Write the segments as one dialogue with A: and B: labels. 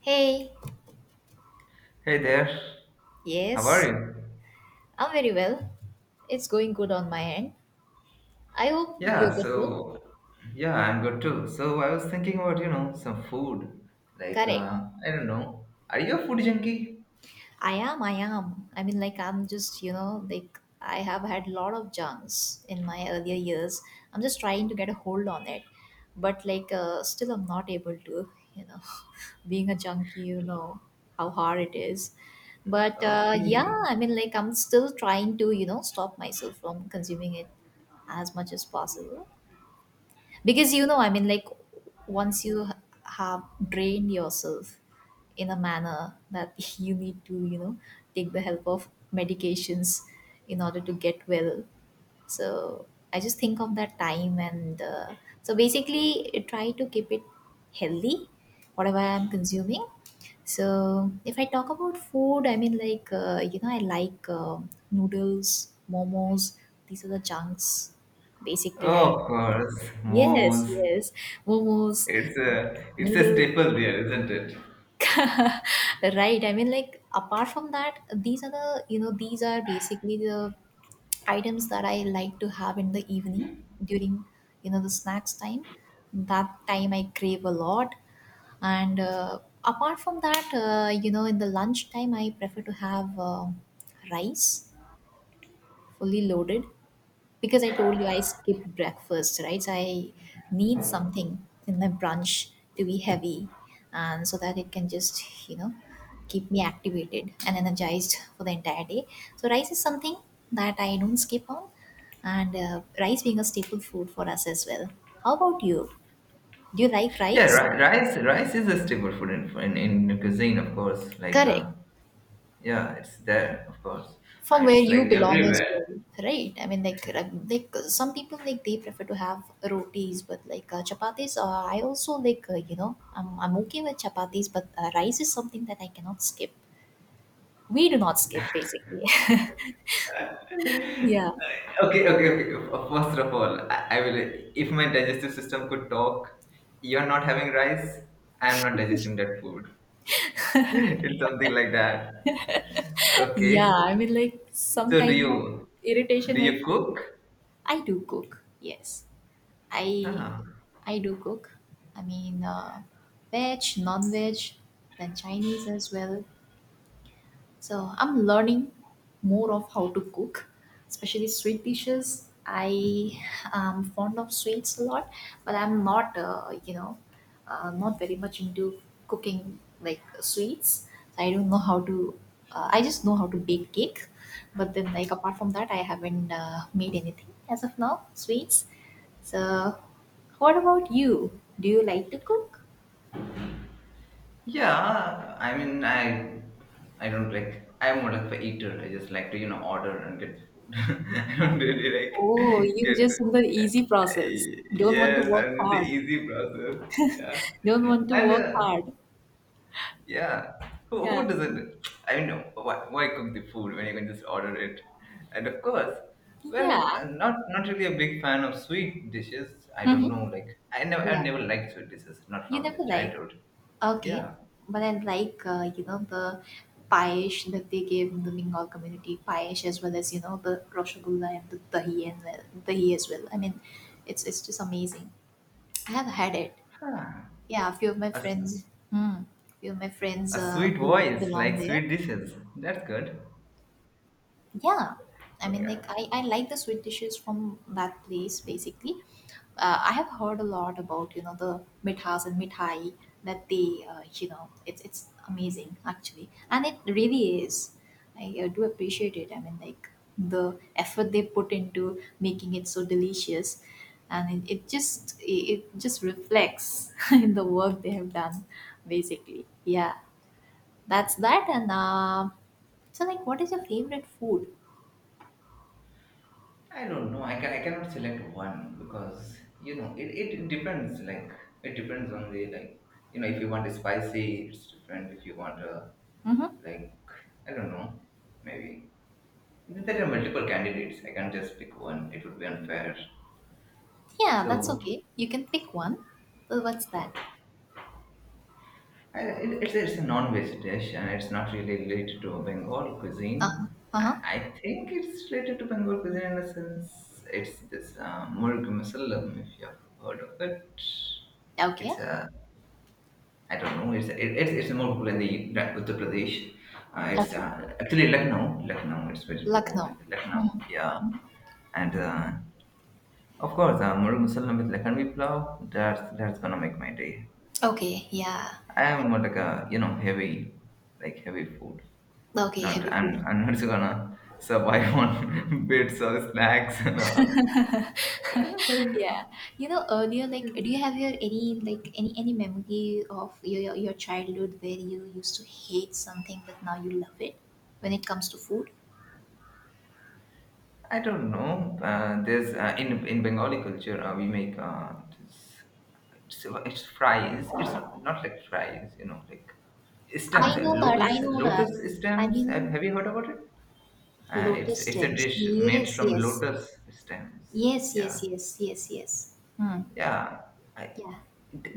A: Hey,
B: Hey there, how are
A: yes,
B: you?
A: I'm very well. It's going good on my end. I hope you're
B: Yeah,
A: good too.
B: so yeah, I'm good too. So I was thinking about, some food. Like,
A: Correct.
B: uh, I don't know. Are you a food junkie?
A: I am, I am. I mean, like, I'm just, like, I have had a lot of junks in my earlier years. I'm just trying to get a hold on it. But, like, still, I'm not able to, you know, being a junkie, how hard it is. But, yeah,
B: Okay.
A: I mean, like, I'm still trying to, stop myself from consuming it as much as possible, because I mean, like, once you have drained yourself in a manner that you need to, take the help of medications in order to get well. So I just think of that time, and so basically I try to keep it healthy, whatever I'm consuming. So if I talk about food, I mean, like, I like noodles, momos. These are the junks, basically, I—
B: Oh, of course,
A: Yes,
B: mos.
A: yes. Momos,
B: It's a
A: noodles.
B: staple here, isn't it?
A: Right. I mean, like, apart from that, these are the, these are basically the items that I like to have in the evening during, the snacks time. That time I crave a lot. And apart from that, in the lunch time, I prefer to have, rice, fully loaded, because I told you I skip breakfast, right? So I need something in my brunch to be heavy, and so that it can just, keep me activated and energized for the entire day. So rice is something that I don't skip on, and rice being a staple food for us as well. How about you? Do you like
B: Yeah,
A: rice?
B: rice is a staple food in cuisine, of course.
A: Correct.
B: Yeah, it's there, of course.
A: From where
B: It's
A: you
B: like
A: belong as
B: everywhere.
A: well, right? I mean, like, like, some people, like, they prefer to have rotis, but, like, chapatis. I also like, I'm okay with chapatis, but rice is something that I cannot skip. We do not skip, basically. Yeah.
B: Okay, okay, okay. First of all, I will. If my digestive system could talk, you're not having rice. I am not digesting that food. It's something like that.
A: Yeah,
B: Okay.
A: I mean, like, some
B: So do
A: kind of
B: you do
A: irritation I
B: you
A: feel.
B: cook?
A: I do cook, yes. i
B: Ah.
A: i do cook. I mean, veg, non-veg, then Chinese as well. So I'm learning more of how to cook, especially sweet dishes. I am fond of sweets a lot, but I'm not, not very much into cooking, like, sweets. So I don't know how to. I just know how to bake cake, but then, like, apart from that, I haven't made anything as of now. Sweets. So, what about you? Do you like to cook?
B: Yeah. I don't like. I'm more like a eater. I just like to, you know, order and get food. I don't really
A: Oh,
B: like
A: you
B: get.
A: just in the easy process. Don't want to
B: Yes,
A: work
B: and it's an
A: hard.
B: easy process. Yeah.
A: Don't want to
B: And
A: work
B: uh,
A: hard.
B: Yeah, who,
A: Yeah.
B: who doesn't? I mean, why cook the food when you can just order it? And of course,
A: Yeah.
B: not really a big fan of sweet dishes. I don't know,
A: Hmm.
B: like I never I
A: Yeah.
B: never liked sweet dishes, not
A: You
B: from the
A: never like.
B: childhood.
A: Okay.
B: Yeah,
A: But then, like, the paish that they gave in the Bengal community, paish as well as, the rosgulla and the dahi, and the dahi as well. I mean, it's just amazing. I have had it.
B: huh.
A: Yeah, a few of my
B: a, s-
A: friends, hmm, a few of my friends
B: a sweet
A: who
B: voice
A: belong
B: like
A: there.
B: sweet dishes. That's good.
A: Yeah, I mean, like,
B: Okay.
A: I like the sweet dishes from that place. Basically, I have heard a lot about, the mithas and mithai that they, it's amazing actually, and it really is. I, do appreciate it. I mean, like, the effort they put into making it so delicious, and it just reflects in the work they have done. Basically, yeah, that's that. And so, like, what is your favorite food?
B: I don't know. I cannot select one because you know it depends. Like it depends on the like you know if you want a spicy, it's different. If you want a
A: Mm-hmm.
B: like I don't know maybe there are multiple candidates. I can't just pick one. It would be unfair.
A: Yeah, that's
B: So
A: okay. You can pick one. Well, what's that?
B: it's a non-veg dish and it's not really related to Bengal
A: Uh-huh.
B: cuisine.
A: Uh-huh.
B: I think it's related to Bengal cuisine in a sense. It's this murg musallam, if you have heard of it.
A: Okay.
B: It's a, I don't know, it's more popular in the Uttar Pradesh. It's
A: Okay.
B: actually Lucknow, it's very popular
A: Lucknow.
B: in the Lucknow,
A: Mm-hmm.
B: yeah.
A: Mm-hmm.
B: And of course, murg musallam with Lakhanvi plow, that's gonna make my day.
A: Okay. Yeah.
B: I am more like a, you know, heavy, like heavy food.
A: Okay.
B: Not
A: Heavy
B: I'm
A: food.
B: I'm not gonna survive on bits or snacks and all.
A: Yeah. You know, earlier, like, do you have your any, like, any memory of your childhood where you used to hate something but now you love it when it comes to food?
B: I don't know. There's in Bengali culture we make this. It's fries. It's not, not like fries, you know, like stems.
A: I know that. I know
B: Lotus
A: that. I
B: stems. Have,
A: mean,
B: have you heard about it?
A: lotus
B: It's a
A: stems.
B: dish made
A: Yes.
B: from
A: Yes.
B: lotus stems.
A: Yes. Yes.
B: Yeah,
A: Yes. Yes. Yes. Hmm.
B: yeah I,
A: Yeah.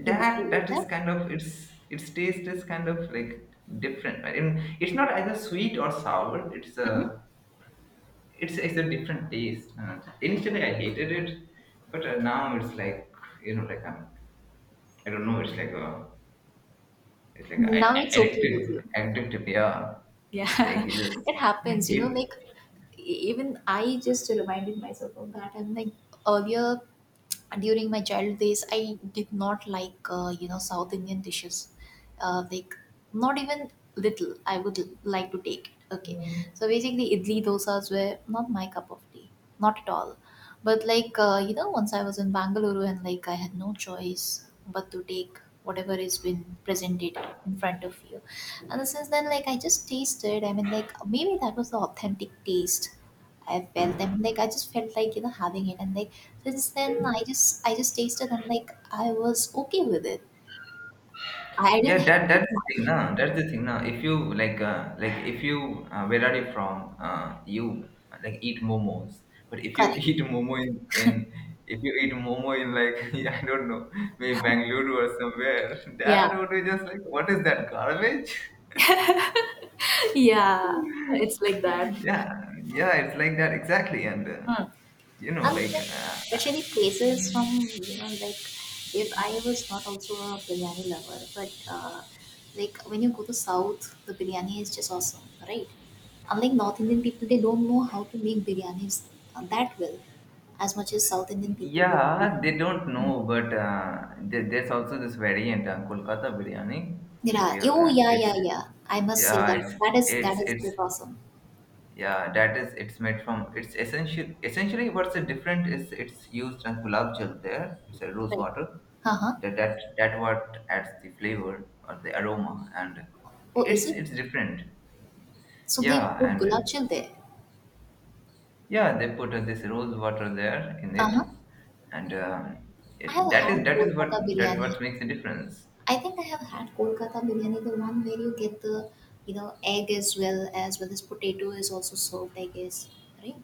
A: You,
B: that
A: you like
B: that is
A: that?
B: kind of its taste is kind of like different. I mean, it's not either sweet or sour. It's a different taste, and initially I hated it, but now it's like you know like I'm, I don't know it's like a,
A: Now it's okay with you.
B: addictive, yeah. it's like
A: Yeah,
B: you just
A: it happens, like,
B: if
A: even I just reminded myself of that. I'm like, earlier, during my child days, I did not like, South Indian dishes. Like, not even little, I would like to take it. Okay. Mm. So basically, idli dosas were not my cup of tea, not at all. But, like, once I was in Bangalore, and, like, I had no choice but to take whatever has been presented in front of you, and since then, like, I just tasted. I mean, like, maybe that was the authentic taste I felt. I mean, like, I just felt like, having it, and, like, since then, I just tasted, and, like, I was okay with it. I didn't
B: Yeah,
A: hate
B: that
A: it
B: that's the thing,
A: much.
B: na. That's the thing, na. If you like if you, where are you from? You like eat momos, but if you
A: Correct.
B: eat momo in like I don't know, maybe Bangalore or somewhere,
A: Yeah.
B: that would be just like, what is that garbage?
A: Yeah, it's like that.
B: Yeah, yeah, it's like that exactly, and
A: Hmm.
B: you know,
A: And,
B: like.
A: like,
B: Uh,
A: especially places from, like, if I was not also a biryani lover, but, like, when you go to south, the biryani is just awesome, right? Unlike North Indian people, they don't know how to make biryanis that well, as much as South Indian people will do.
B: yeah, they don't
A: Mm.
B: know, but there, there's also this variant, Kolkata biryani. If
A: Yeah,
B: you have,
A: oh yeah, yeah, yeah. I must say
B: Yeah,
A: that
B: it's
A: that is
B: it's
A: just awesome,
B: yeah, that is it's made from it's essential essentially what's the different is it's used on gulab jal there. It's a rose
A: right?
B: water.
A: Uh huh.
B: That what adds the flavor or the aroma, and
A: Oh, is it?
B: it's different.
A: So they
B: Yeah,
A: put
B: and
A: gulab jal there.
B: yeah, they put this rose water there in
A: Uh huh.
B: it, and
A: I have had
B: that is what
A: Kolkata
B: that
A: biryani.
B: what makes the difference.
A: I think I have had Kolkata biryani, the one where you get the, egg as well as potato, is also served, I guess. Right?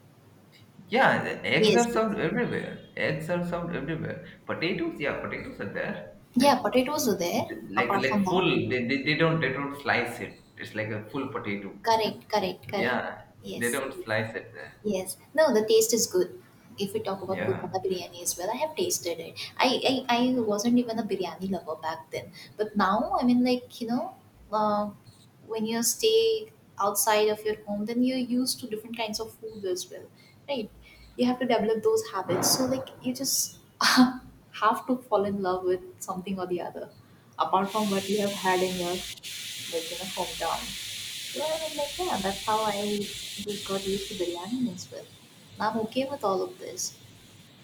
B: Yeah, the eggs are
A: Yes, yes.
B: served everywhere. Eggs are served everywhere. Potatoes, yeah, potatoes are there.
A: Yeah,
B: Like,
A: potatoes are there apart from that.
B: full. They don't slice it. It's like a full potato.
A: Correct, correct, correct.
B: yeah, they
A: Yes.
B: don't slice it there.
A: Yes. No, the taste is good. If we talk about
B: Yeah,
A: Kolkata biryani as well, I have tasted it. I wasn't even a biryani lover back then. But now, I mean, like, uh, when you stay outside of your home, then you're used to different kinds of food as well, right? You have to develop those habits. So, like, you just have to fall in love with something or the other, apart from what you have had in your, like, hometown. So I mean, like, yeah, that's how I just got used to biryani as well. Now I'm okay with all of this.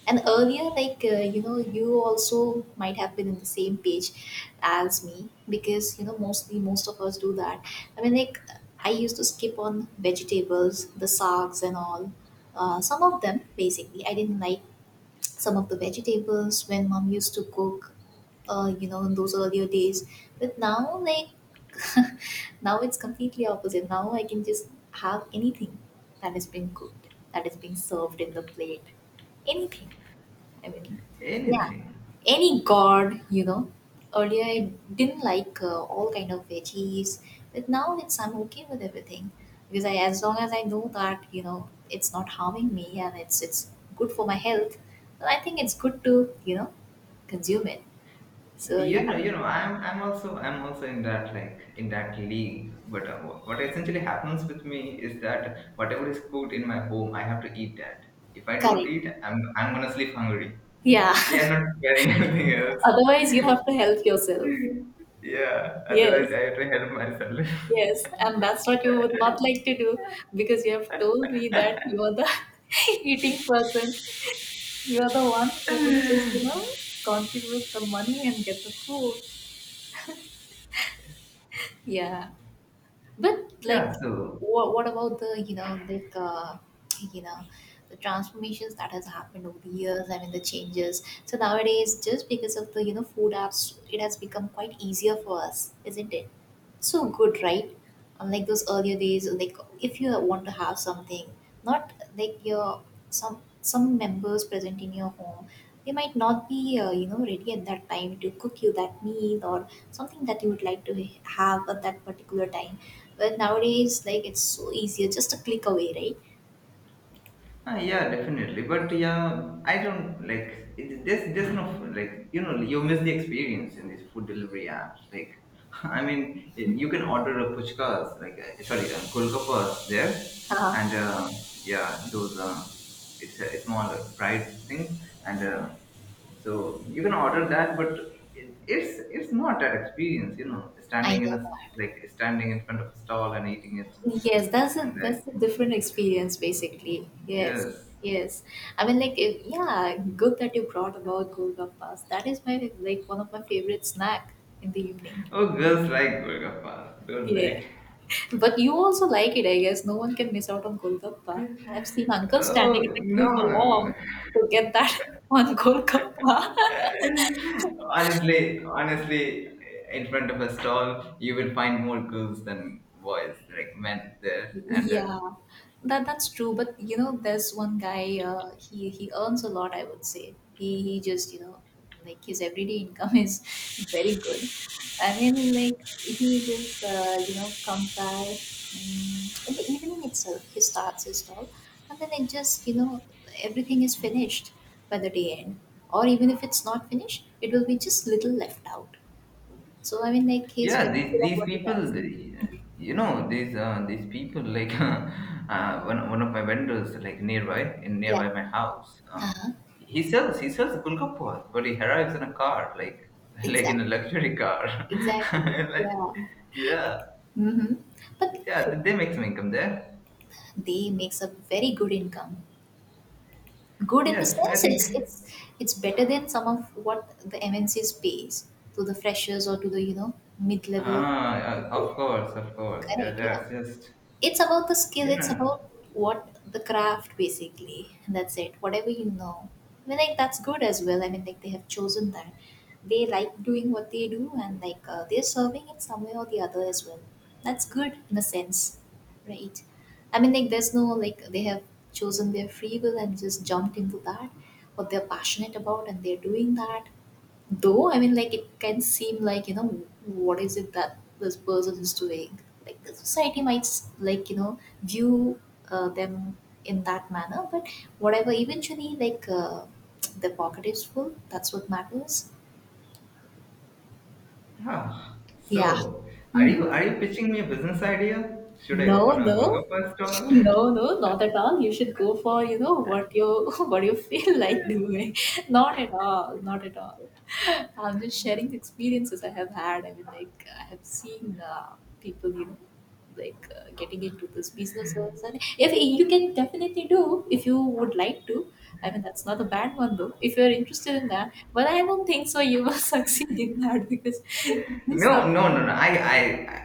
A: And earlier, like, you also might have been in the same page as me because, mostly most of us do that. I mean, like, I used to skip on vegetables, the sags, and all. Some of them, basically. I didn't like some of the vegetables when mom used to cook, in those earlier days. But now, like, now it's completely opposite. Now I can just have anything that is being cooked, that is being served in the plate. Anything. I mean, yeah,
B: anything.
A: any god. Earlier, I didn't like, all kind of veggies, but now it's I'm okay with everything because I, as long as I know that it's not harming me, and it's good for my health, then I think it's good to, consume it. So
B: you
A: yeah,
B: know you know i'm i'm also i'm also in that, like in that league, but what essentially happens with me is that whatever is cooked in my home I have to eat that. If I don't
A: correct.
B: eat, I'm gonna sleep hungry.
A: Yeah.
B: They are not preparing anything
A: Otherwise, you have
B: else.
A: to help yourself.
B: Yeah,
A: Yes.
B: otherwise I have to help myself.
A: Yes. And that's what you would not like to do, because you have told me that you are the eating person. You're the one who will just, contribute the money and get the food. Yeah. But,
B: yeah
A: like,
B: so
A: what about the, like, you know the transformations that has happened over the years? I mean, the changes. So nowadays, just because of the, food apps, it has become quite easier for us, isn't it? So good, right? Unlike those earlier days, like, if you want to have something, not like your some members present in your home, they might not be, ready at that time to cook you that meal, or something that you would like to have at that particular time. Well, nowadays, like, it's so easier, just a click away, right?
B: Ah, yeah, definitely. But yeah, I don't like it, there's no, like, you know, you miss the experience in these food delivery apps. Like, I mean, you can order a puchkas, like, kolkapas there,
A: Uh-huh.
B: and yeah, those it's a small fried thing, and so you can order that, but it's not that experience, you know,
A: I
B: standing in
A: know
B: a, standing in front of a stall and eating it,
A: that. Yes, that's a
B: and
A: that's a different experience, basically. Yes,
B: yes.
A: yes. I mean, like, if, yeah, good that you brought about golgappas. That is my, like, one of my favorite snack in the evening.
B: Oh, girls like Golgappas, don't
A: Yeah,
B: they?
A: but you also like it, I guess. No one can miss out on golgappa. I've seen uncles
B: Oh,
A: standing in the queue for
B: no.
A: long to get that one golgappa.
B: honestly, honestly, in front of a stall, you will find more girls than boys, like men there. And
A: Yeah, that's true. But you know, there's one guy. He earns a lot. I would say he just, like, his everyday income is very good. I mean, like, he just, comes by, in the evening itself. He starts his stall, and then it just everything is finished by the day end. Or even if it's not finished, it will be just little left out. So he's
B: yeah,
A: very good at
B: these
A: what he
B: people,
A: does.
B: they-
A: Mhm.
B: you know, these people, like one of my vendors, like
A: Yeah.
B: nearby my house.
A: Uh-huh.
B: He sells Golgappas, but he arrives in a car, like like in a
A: Exactly.
B: luxury car.
A: Exactly.
B: like,
A: Yeah.
B: yeah.
A: Mm-hmm. But
B: Yeah, they make some income there.
A: they makes a very good income. Good in the
B: Yes, I
A: sense it's
B: think.
A: it's it's better than some of what the MNCs pays to the freshers or to the mid level.
B: Ah, yeah, of course, of course. Yeah,
A: Correct. Yeah.
B: that's just
A: It's about the skill,
B: you
A: it's
B: know.
A: about what the craft basically, and that's it, whatever I mean, like that's good as well. I mean, like they have chosen that, they like doing what they do, and they're serving it some way or the other as well. That's good in a sense, right? I mean, like there's no, like they have chosen their free will and just jumped into that, what they're passionate about, and they're doing that. Though, I mean, like, it can seem like, you know, what is it that this person is doing? Like, the society might, like, you know, view them in that manner, but whatever, eventually, the pocket is full. That's what matters.
B: Huh.
A: Yeah.
B: So, are
A: Hmm.
B: you pitching me a business idea? Should I
A: No,
B: open a
A: no,
B: Golgappa stall?
A: no, no, not at all. You should go for, you know, what you what you feel like doing. Not at all, not at all. I'm just sharing the experiences I have had. I mean, like I have seen people, you know, getting into these businesses, and if you can definitely do if you would like to. I mean, that's not a bad one though. If you're interested in that, but I don't think so. You will succeed in that because you
B: no,
A: sub-
B: no, no, no.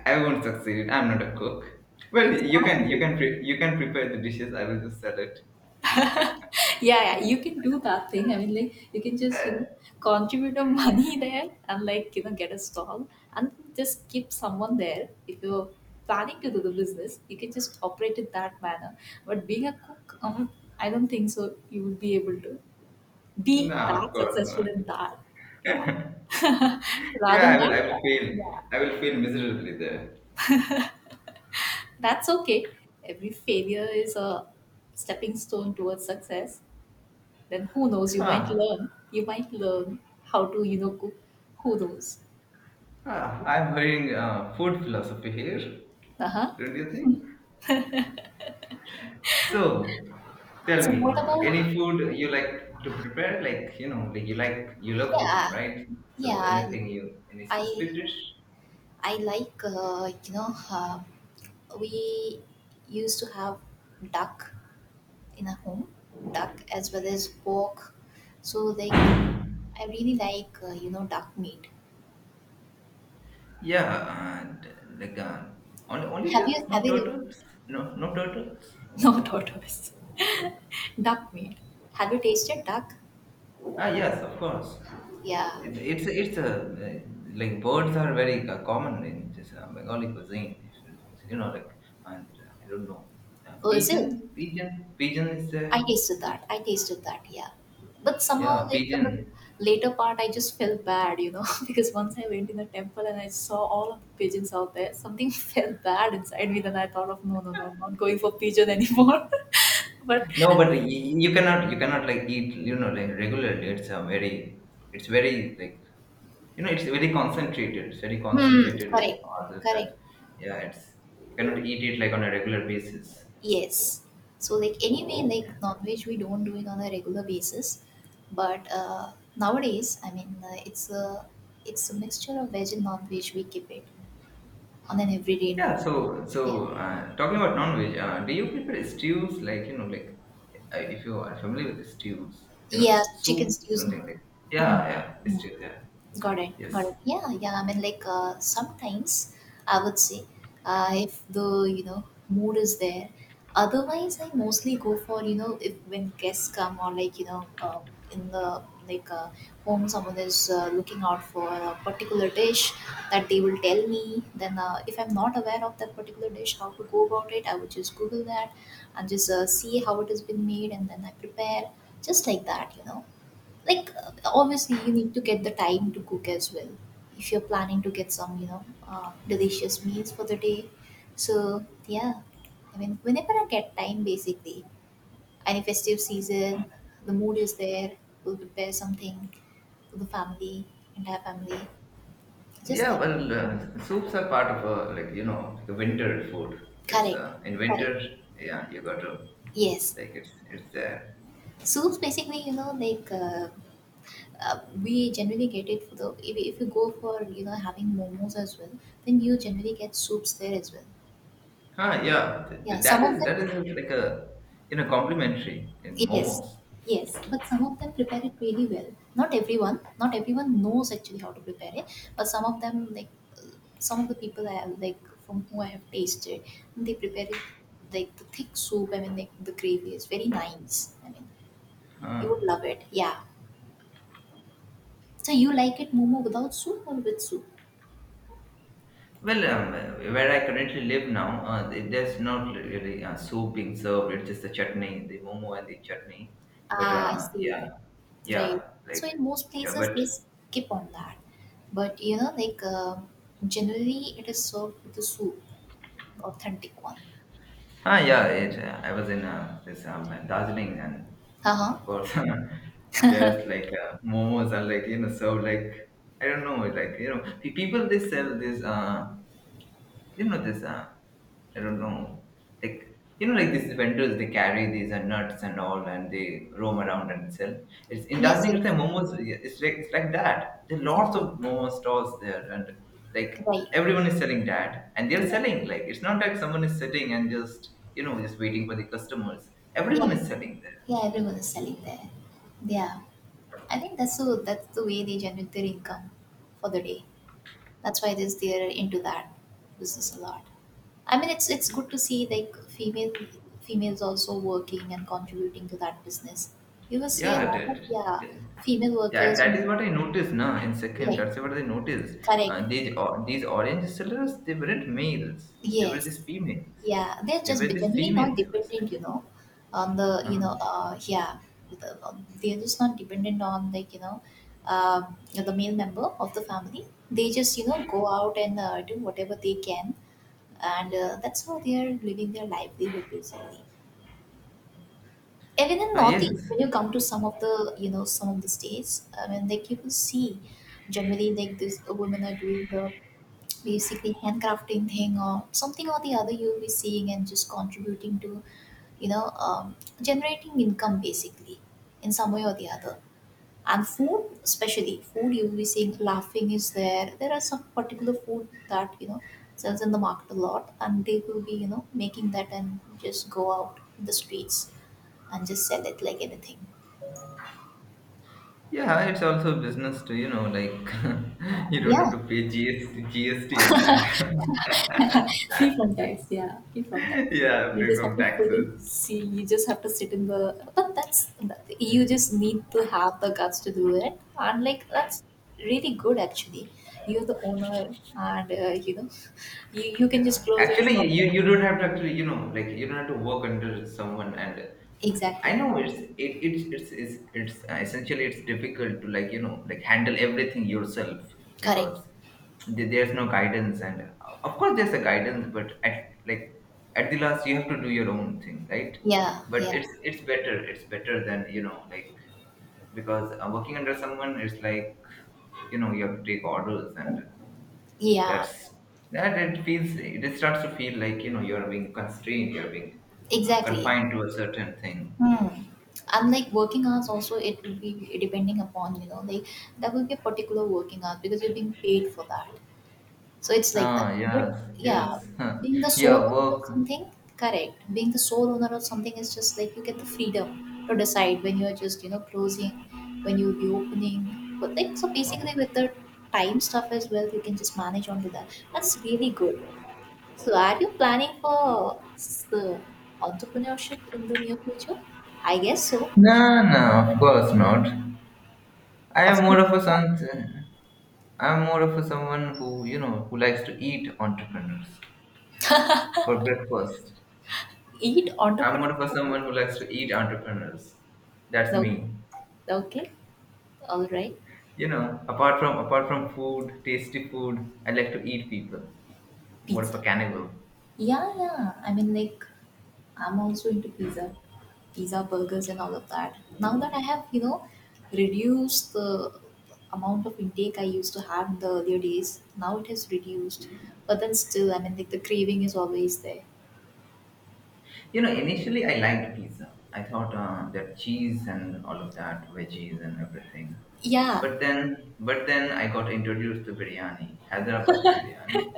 B: I won't succeed. I'm not a cook. Well, you
A: exactly.
B: can you can pre- you can prepare the dishes. I will just sell it.
A: Yeah, yeah, you can do that thing. I mean, like you can just contribute a money there, and get a stall and just keep someone there. If you're planning to do the business, you can just operate in that manner. But being a cook, I don't think so. You will be able to
B: No,
A: be that
B: of course
A: successful
B: not.
A: in that. Yeah. Rather
B: Yeah,
A: than
B: I will
A: that,
B: fail.
A: yeah,
B: I will fail miserably there.
A: that's okay. Every failure is a stepping stone towards success. Then who knows? You might
B: Huh.
A: learn. You might learn how to, you know, cook. Who knows?
B: Ah, I'm hearing food philosophy here,
A: Uh huh.
B: don't you think? So, tell me, any food you like to prepare? Like you know, like you love
A: Yeah,
B: cooking, right? So,
A: yeah.
B: anything you any
A: I
B: specific dish?
A: I like we used to have duck in our home, duck as well as pork. So like I really like duck meat.
B: Yeah, and like only
A: Have
B: ducks,
A: you have
B: not
A: you
B: turtles. No, no turtles.
A: no, tortoise. Duck meat. Have you tasted duck?
B: Ah, yes, of course.
A: Yeah.
B: It's a like birds are very common in this Bengali cuisine. You know, like and I don't know,
A: Oh, is it?
B: pigeon is there.
A: I tasted
B: Uh,
A: that. I tasted that, yeah. But somehow,
B: yeah,
A: like on the
B: pigeon.
A: later part, I just felt bad, you know, because once I went in the temple and I saw all of the pigeons out there, something felt bad inside me. Then I thought of no, no, no, I'm not going for pigeon anymore. But
B: No, but you cannot like eat you know like regularly. It's a very it's very like you know it's very concentrated. It's very
A: hmm,
B: concentrated with
A: correct,
B: all of that.
A: correct,
B: Yeah, it's you cannot eat it like on a regular basis.
A: yes. So like anyway, like non-veg, we don't do it on a regular basis. But nowadays, it's a mixture of veg and non-veg. We keep it on an everyday
B: Yeah,
A: note.
B: so
A: Yeah.
B: so talking about non-veg, do you prefer stews, like you know like if you are familiar with stews, you know
A: Yeah, chicken
B: soup
A: stews.
B: something like yeah
A: Mm.
B: yeah
A: Mm.
B: stews yeah
A: Got it. Got
B: yes
A: it. Yeah, yeah. I mean, sometimes I would say if the mood is there. Otherwise, I mostly go for, you know, if when guests come or in the like uh, home someone is looking out for a particular dish that they will tell me. Then if I'm not aware of that particular dish, how to go about it, I would just Google that and just see how it has been made, and then I prepare just like that, you know, obviously you need to get the time to cook as well if you're planning to get some delicious meals for the day. So yeah, I mean, whenever I get time basically, any festive season, the mood is there, we'll prepare something for the family, entire family, just
B: yeah
A: like
B: well soups are part of a like you know like a winter food. It's
A: correct,
B: in
A: correct,
B: winter yeah you got to
A: yes.
B: like it's there.
A: Soups basically, we generally get it for the, if you go for, you know, having momos as well, then you generally get soups there as well.
B: Huh yeah
A: Yeah, some of them,
B: that is like a you know complimentary in
A: yes,
B: momos.
A: yes, but some of them prepare it really well. Not everyone, not everyone knows actually how to prepare it, but some of them, uh, some of the people I have, like from who I have tasted, they prepare it like the thick soup. I mean, like the gravy is very nice. I mean, you
B: Huh.
A: would love it. Yeah. So you like it momo without soup or with soup?
B: Well, where I currently live now, there's not really soup being served. It's just the chutney, the momo and the chutney. But
A: Ah, I see.
B: yeah, yeah,
A: Right. So
B: like
A: in most
B: yeah,
A: places
B: but
A: they skip on that, but you know, generally it is served with the soup, authentic one.
B: ah, yeah. It. I was in this Darjeeling, and
A: Uh-huh.
B: of course, there's like momos are like you know served like I don't know like you know people they sell this You know this, I don't know. Like you know, like these vendors they carry these nuts and all, and they roam around and sell. It's in
A: Yes,
B: Darjeeling, it's like
A: yes.
B: momos. Yeah, it's like that. There are lots
A: Ye-
B: of momo stalls there, and like
A: right.
B: everyone is selling that, and they're
A: Yeah.
B: selling. Like it's not like someone is sitting and just you know just waiting for the customers.
A: Yeah.
B: Everyone is selling there.
A: Yeah, everyone is selling there. Yeah. I think that's the way they generate their income for the day. That's why this they're into that business a lot. I mean it's good to see like female females also working and contributing to that business. You will see a
B: Yeah,
A: lot of yeah,
B: that,
A: female
B: that
A: workers,
B: that is what I noticed now in Sikkim.
A: yeah,
B: That's what I noticed.
A: correct.
B: These or, these orange sellers, they weren't males. They were
A: Yes.
B: these females.
A: Yeah, they're
B: They
A: just
B: were these
A: generally not
B: females. I would say.
A: dependent, you know, on the, you
B: Uh,
A: know, yeah, the, they're just not dependent on, like, you know, the male member of the family. They just, you know, go out and do whatever they can, and that's how they are living their livelihood basically. Even in
B: yes.
A: Northeast, when you come to some of the, you know, some of the states, I mean, like you will see, generally like this, women are doing the basically handcrafting thing or something or the other. You'll be seeing and just contributing to, you know, generating income basically in some way or the other. And food, especially food, you will be seeing laughing is there. There are some particular food that, you know, sells in the market a lot, and they will be, you know, making that and just go out in the streets and just sell it like anything.
B: Yeah, it's also business to you know like you don't
A: Yeah,
B: have to pay GST, on that.
A: free from tax, yeah, free from tax.
B: yeah,
A: You
B: free
A: just have
B: from
A: to sit in.
B: taxes.
A: See, you just have to sit in the. But that's you just need to have the guts to do it, and like that's really good actually. You're the owner, and you know, you can just
B: Yeah,
A: close your
B: actually, you
A: shop.
B: you don't have to actually you don't have to work under someone. And I
A: Exactly.
B: know it's it, it's essentially it's difficult to handle everything yourself,
A: Correct.
B: because there's no guidance and of course there's a guidance, but at like at the last you have to do your own thing, right?
A: Yeah.
B: But
A: Yeah.
B: it's better than because working under someone is like you know you have to take orders, and
A: Yeah.
B: that's that it feels it starts to feel like you know you're being constrained, you're being
A: Exactly.
B: confined to a certain thing.
A: Hmm. Unlike working hours also, it would be depending upon, you know, like there will be a particular working hours because you're being paid for that. So it's like that.
B: Ah,
A: But
B: yes, yes,
A: yeah,
B: huh.
A: being the
B: Your
A: sole owner of
B: work.
A: something, correct. Being the sole owner of something is just like you get the freedom to decide when you're just, you know, closing, when you're reopening. But like so basically with the time stuff as well, you can just manage onto that. That's really good. So are you planning for the entrepreneurship in the near future? I guess so.
B: No, no, of course not. I
A: Of
B: am more
A: course,
B: of a son. I'm more of a someone who you know who likes to eat entrepreneurs for breakfast.
A: eat
B: I'm more
A: entrepreneurship
B: of a
A: for
B: someone who likes
A: breakfast.
B: to eat entrepreneurs. That's
A: No,
B: me,
A: okay, all right,
B: you know. Apart from food, tasty food, I like to eat people. More of a
A: pizza.
B: cannibal.
A: Yeah, yeah. I mean, like, I'm also into pizza, pizza burgers, and all of that. Now that I have, you know, reduced the amount of intake I used to have in the earlier days, now it has reduced. But then still, I mean, like, the craving is always there.
B: You know, initially I liked pizza. I thought that cheese and all of that, veggies and everything.
A: Yeah.
B: But then I got introduced to biryani, Hyderabadi biryani,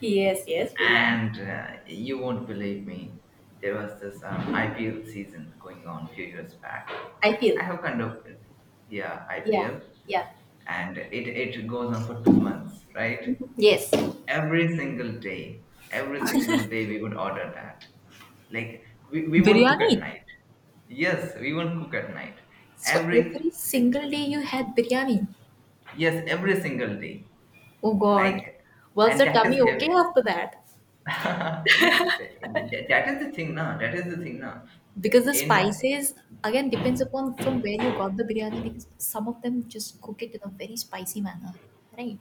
A: Yes, yes, biryani.
B: and you won't believe me. There was this IPL season going on a few years back.
A: I
B: I
A: feel.
B: have kind of, yeah,
A: Yeah,
B: IPL,
A: yeah.
B: and it goes on for 2 months, right?
A: Yes.
B: Every single day, every single day we would order that. Like we won't cook at
A: Biryani.
B: night. Yes, we won't cook at night.
A: So
B: Every,
A: every
B: like,
A: single day you had biryani.
B: yes, every single day.
A: Oh God.
B: Like,
A: Was
B: and
A: the
B: that is
A: tummy okay
B: heavy.
A: after that?
B: that, that is the thing now. That is the thing now.
A: Because the
B: In.
A: spices again depends upon from where you got the biryani, because some of them just cook it in a very spicy manner, right?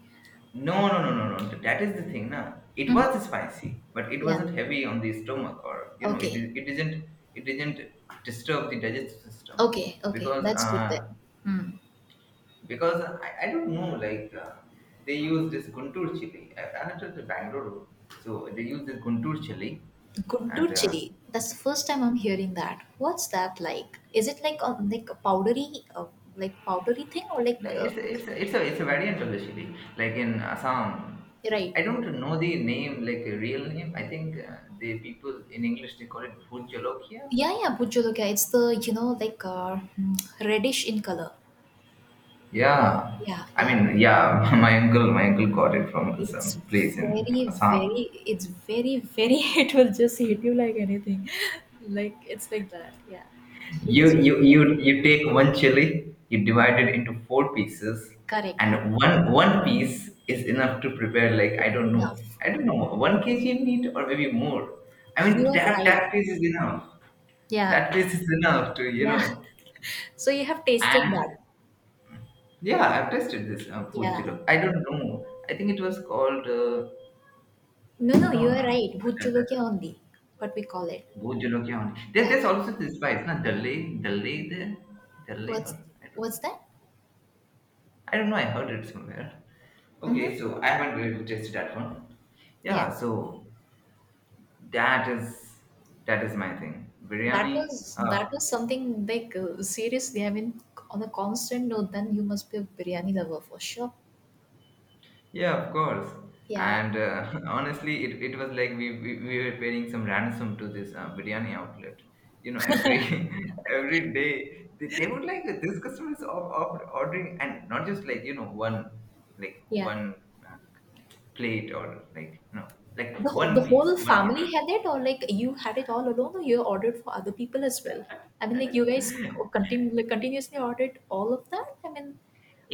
B: No, no, no, no, no. That is the thing, na. It
A: Mm-hmm.
B: was spicy, but it
A: Yeah,
B: wasn't heavy on the stomach, or you know, it
A: okay,
B: is. It isn't. It didn't disturb the digestive system,
A: okay, okay,
B: because
A: that's good then.
B: uh,
A: Hmm.
B: because I don't know. Like they use this Guntur chili. I'm not the Bangalore, so they use this Guntur chili,
A: Guntur
B: and
A: chili, that's the first time I'm hearing that. What's that like? Is it like a powdery uh, like powdery thing or
B: it's a,
A: it's
B: it's a, it's a it's a variant of the chili. Like in Assam,
A: right,
B: I don't know the name, like a real name. I think the people in English they call it bhut jolokia.
A: yeah yeah bujuluka, it's the, you know, hmm, reddish in color,
B: Yeah,
A: yeah
B: I
A: yeah.
B: mean, yeah, my uncle got it from
A: It's
B: some place in Assam.
A: it's very, very, it will just hit you like anything. Like, it's like that. Yeah. It is very specific.
B: You take one chili, you divide it into 4 pieces,
A: Correct.
B: and one piece is enough to prepare, like,
A: It's enough.
B: I don't know, one kg meat or maybe more. I
A: You
B: mean,
A: are right.
B: that piece is enough.
A: Yeah.
B: That piece is enough to you
A: Yeah.
B: know.
A: So you have tasted that.
B: And yeah, I've tested this food
A: Yeah.
B: chilo. I don't know. I think it was called
A: No, no,
B: no,
A: you
B: no, no,
A: are
B: no,
A: right.
B: no, no, no.
A: Bhuchulukia ondi, what we call it.
B: Go Jolokia only.
A: Yeah.
B: There's also this spice, na, Dalay, Dalay there, Dalay, or
A: What's what's that?
B: I don't know. I heard it somewhere.
A: Mm-hmm.
B: Okay, so I haven't really tasted that one.
A: Yeah.
B: Yeah, so that is that is my thing. Biryani. Uh,
A: That was something like seriously. I mean, on a constant note, then you must be a biryani lover for sure.
B: Yeah, of course.
A: Yeah.
B: And honestly, it was like we were paying some ransom to this biryani outlet. You know, every every day they would like this customer is of ordering, and not just like you know
A: Yeah.
B: one uh, plate, or like, no, like
A: The
B: one piece
A: whole
B: one order.
A: family had it, or like you had it all alone, or you ordered for other people as well? I mean, like you guys continue, like, continuously ordered all of that. I mean,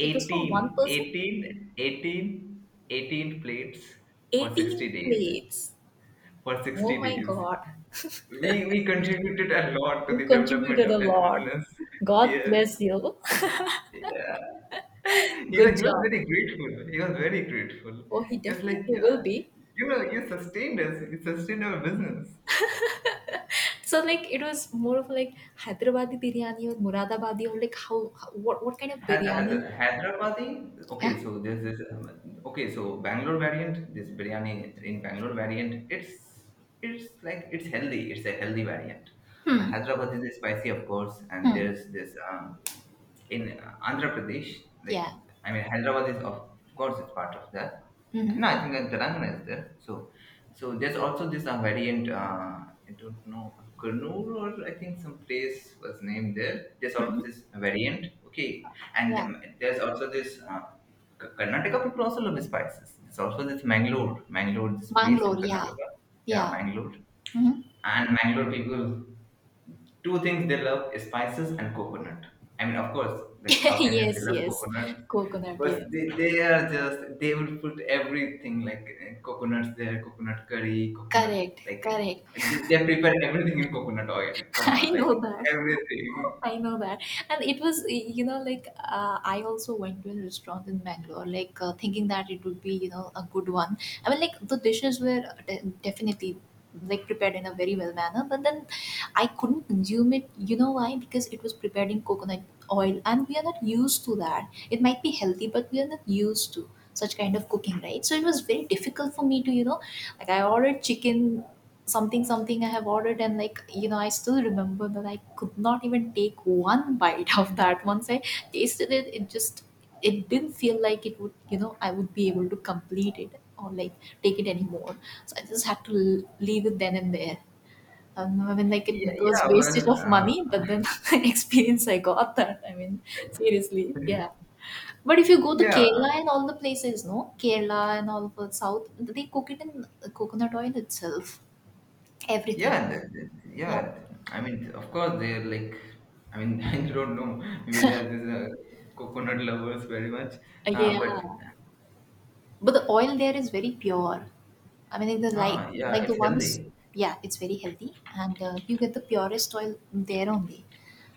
A: it was for one person,
B: 18 eighteen plates for
A: 18
B: 60 days,
A: plates.
B: for
A: Oh
B: 60
A: my
B: days.
A: God,
B: We contributed a lot to
A: you
B: the development
A: contributed a
B: of that
A: lot.
B: business.
A: God
B: Yes.
A: bless you.
B: Yeah.
A: Good
B: He was
A: job.
B: very grateful. He was very grateful.
A: Oh, he
B: He was
A: definitely
B: like, yeah,
A: will be.
B: you know, you sustained us. You sustained our business.
A: So like it was more of like Hyderabadi biryani or Muradabadi or like how what kind of biryani?
B: Hyderabadi,
A: Yeah.
B: okay, so there's this, okay, so Bangalore variant, this biryani in Bangalore variant, it's like it's healthy. It's a healthy variant. Hyderabad is spicy, of course, and
A: Hmm.
B: there's this. In Andhra Pradesh, like,
A: Yeah.
B: I mean Hyderabad is of course it's part of that. No,
A: Mm-hmm.
B: I think that Telangana is there. So, so there's also this variant. I don't know, Kurnool, or I think some place was named there. There's
A: Mm-hmm.
B: always this variant. Okay, and there's also this. Karnataka people also love spices. There's also this Mangalore, this place in
A: Mangalore, yeah.
B: Karnataka. Yeah,
A: Yeah.
B: Mangalore,
A: Hmm.
B: and Mangalore people, two things they love is spices and coconut. I mean, of course, like South Indians, they
A: Yes,
B: love
A: yes.
B: coconut,
A: Coconut,
B: but
A: yes.
B: they are just they will put everything, like coconuts there, coconut curry, coconut,
A: Correct,
B: like
A: correct.
B: they prepare everything in coconut oil. Come
A: I
B: on,
A: know
B: like,
A: that.
B: everything.
A: I know that. And it was, you know, I also went to a restaurant in Bangalore, thinking that it would be, you know, a good one. I mean, like the dishes were definitely like prepared in a very well manner, but then I couldn't consume it. You know why? Because it was prepared in coconut oil, and we are not used to that. It might be healthy, but we are not used to such kind of cooking, right? So it was very difficult for me to, you know, like I ordered chicken something something I have ordered, and like, you know, I still remember that I could not even take one bite of that. Once I tasted it, it just it didn't feel like it would, you know, I would be able to complete it or like take it anymore. So I just had to leave it then and there. I mean like it
B: Yeah,
A: was
B: yeah,
A: wastage
B: well,
A: of money, but then experience I got. That I mean seriously yeah, but if you go to
B: yeah,
A: Kerala and all the places, no, Kerala and all of the south, they cook it in coconut oil itself, everything.
B: yeah,
A: Yeah,
B: yeah. I mean, of course, they're like. I mean, I don't know. Maybe they are these coconut lovers very much, but.
A: yeah, but the oil there is very pure. I mean, like
B: Ah, yeah,
A: like the
B: it's
A: ones,
B: healthy.
A: yeah, it's very healthy, and you get the purest oil there only,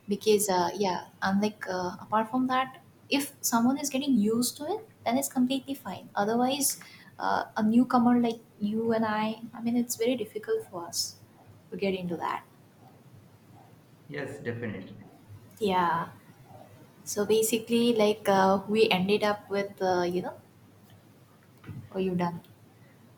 A: because yeah, unlike apart from that, if someone is getting used to it, then it's completely fine. Otherwise, a newcomer like you and I mean, it's very difficult for us to get into that.
B: Yes, definitely.
A: Yeah. So basically, we ended up with you know, oh, you done.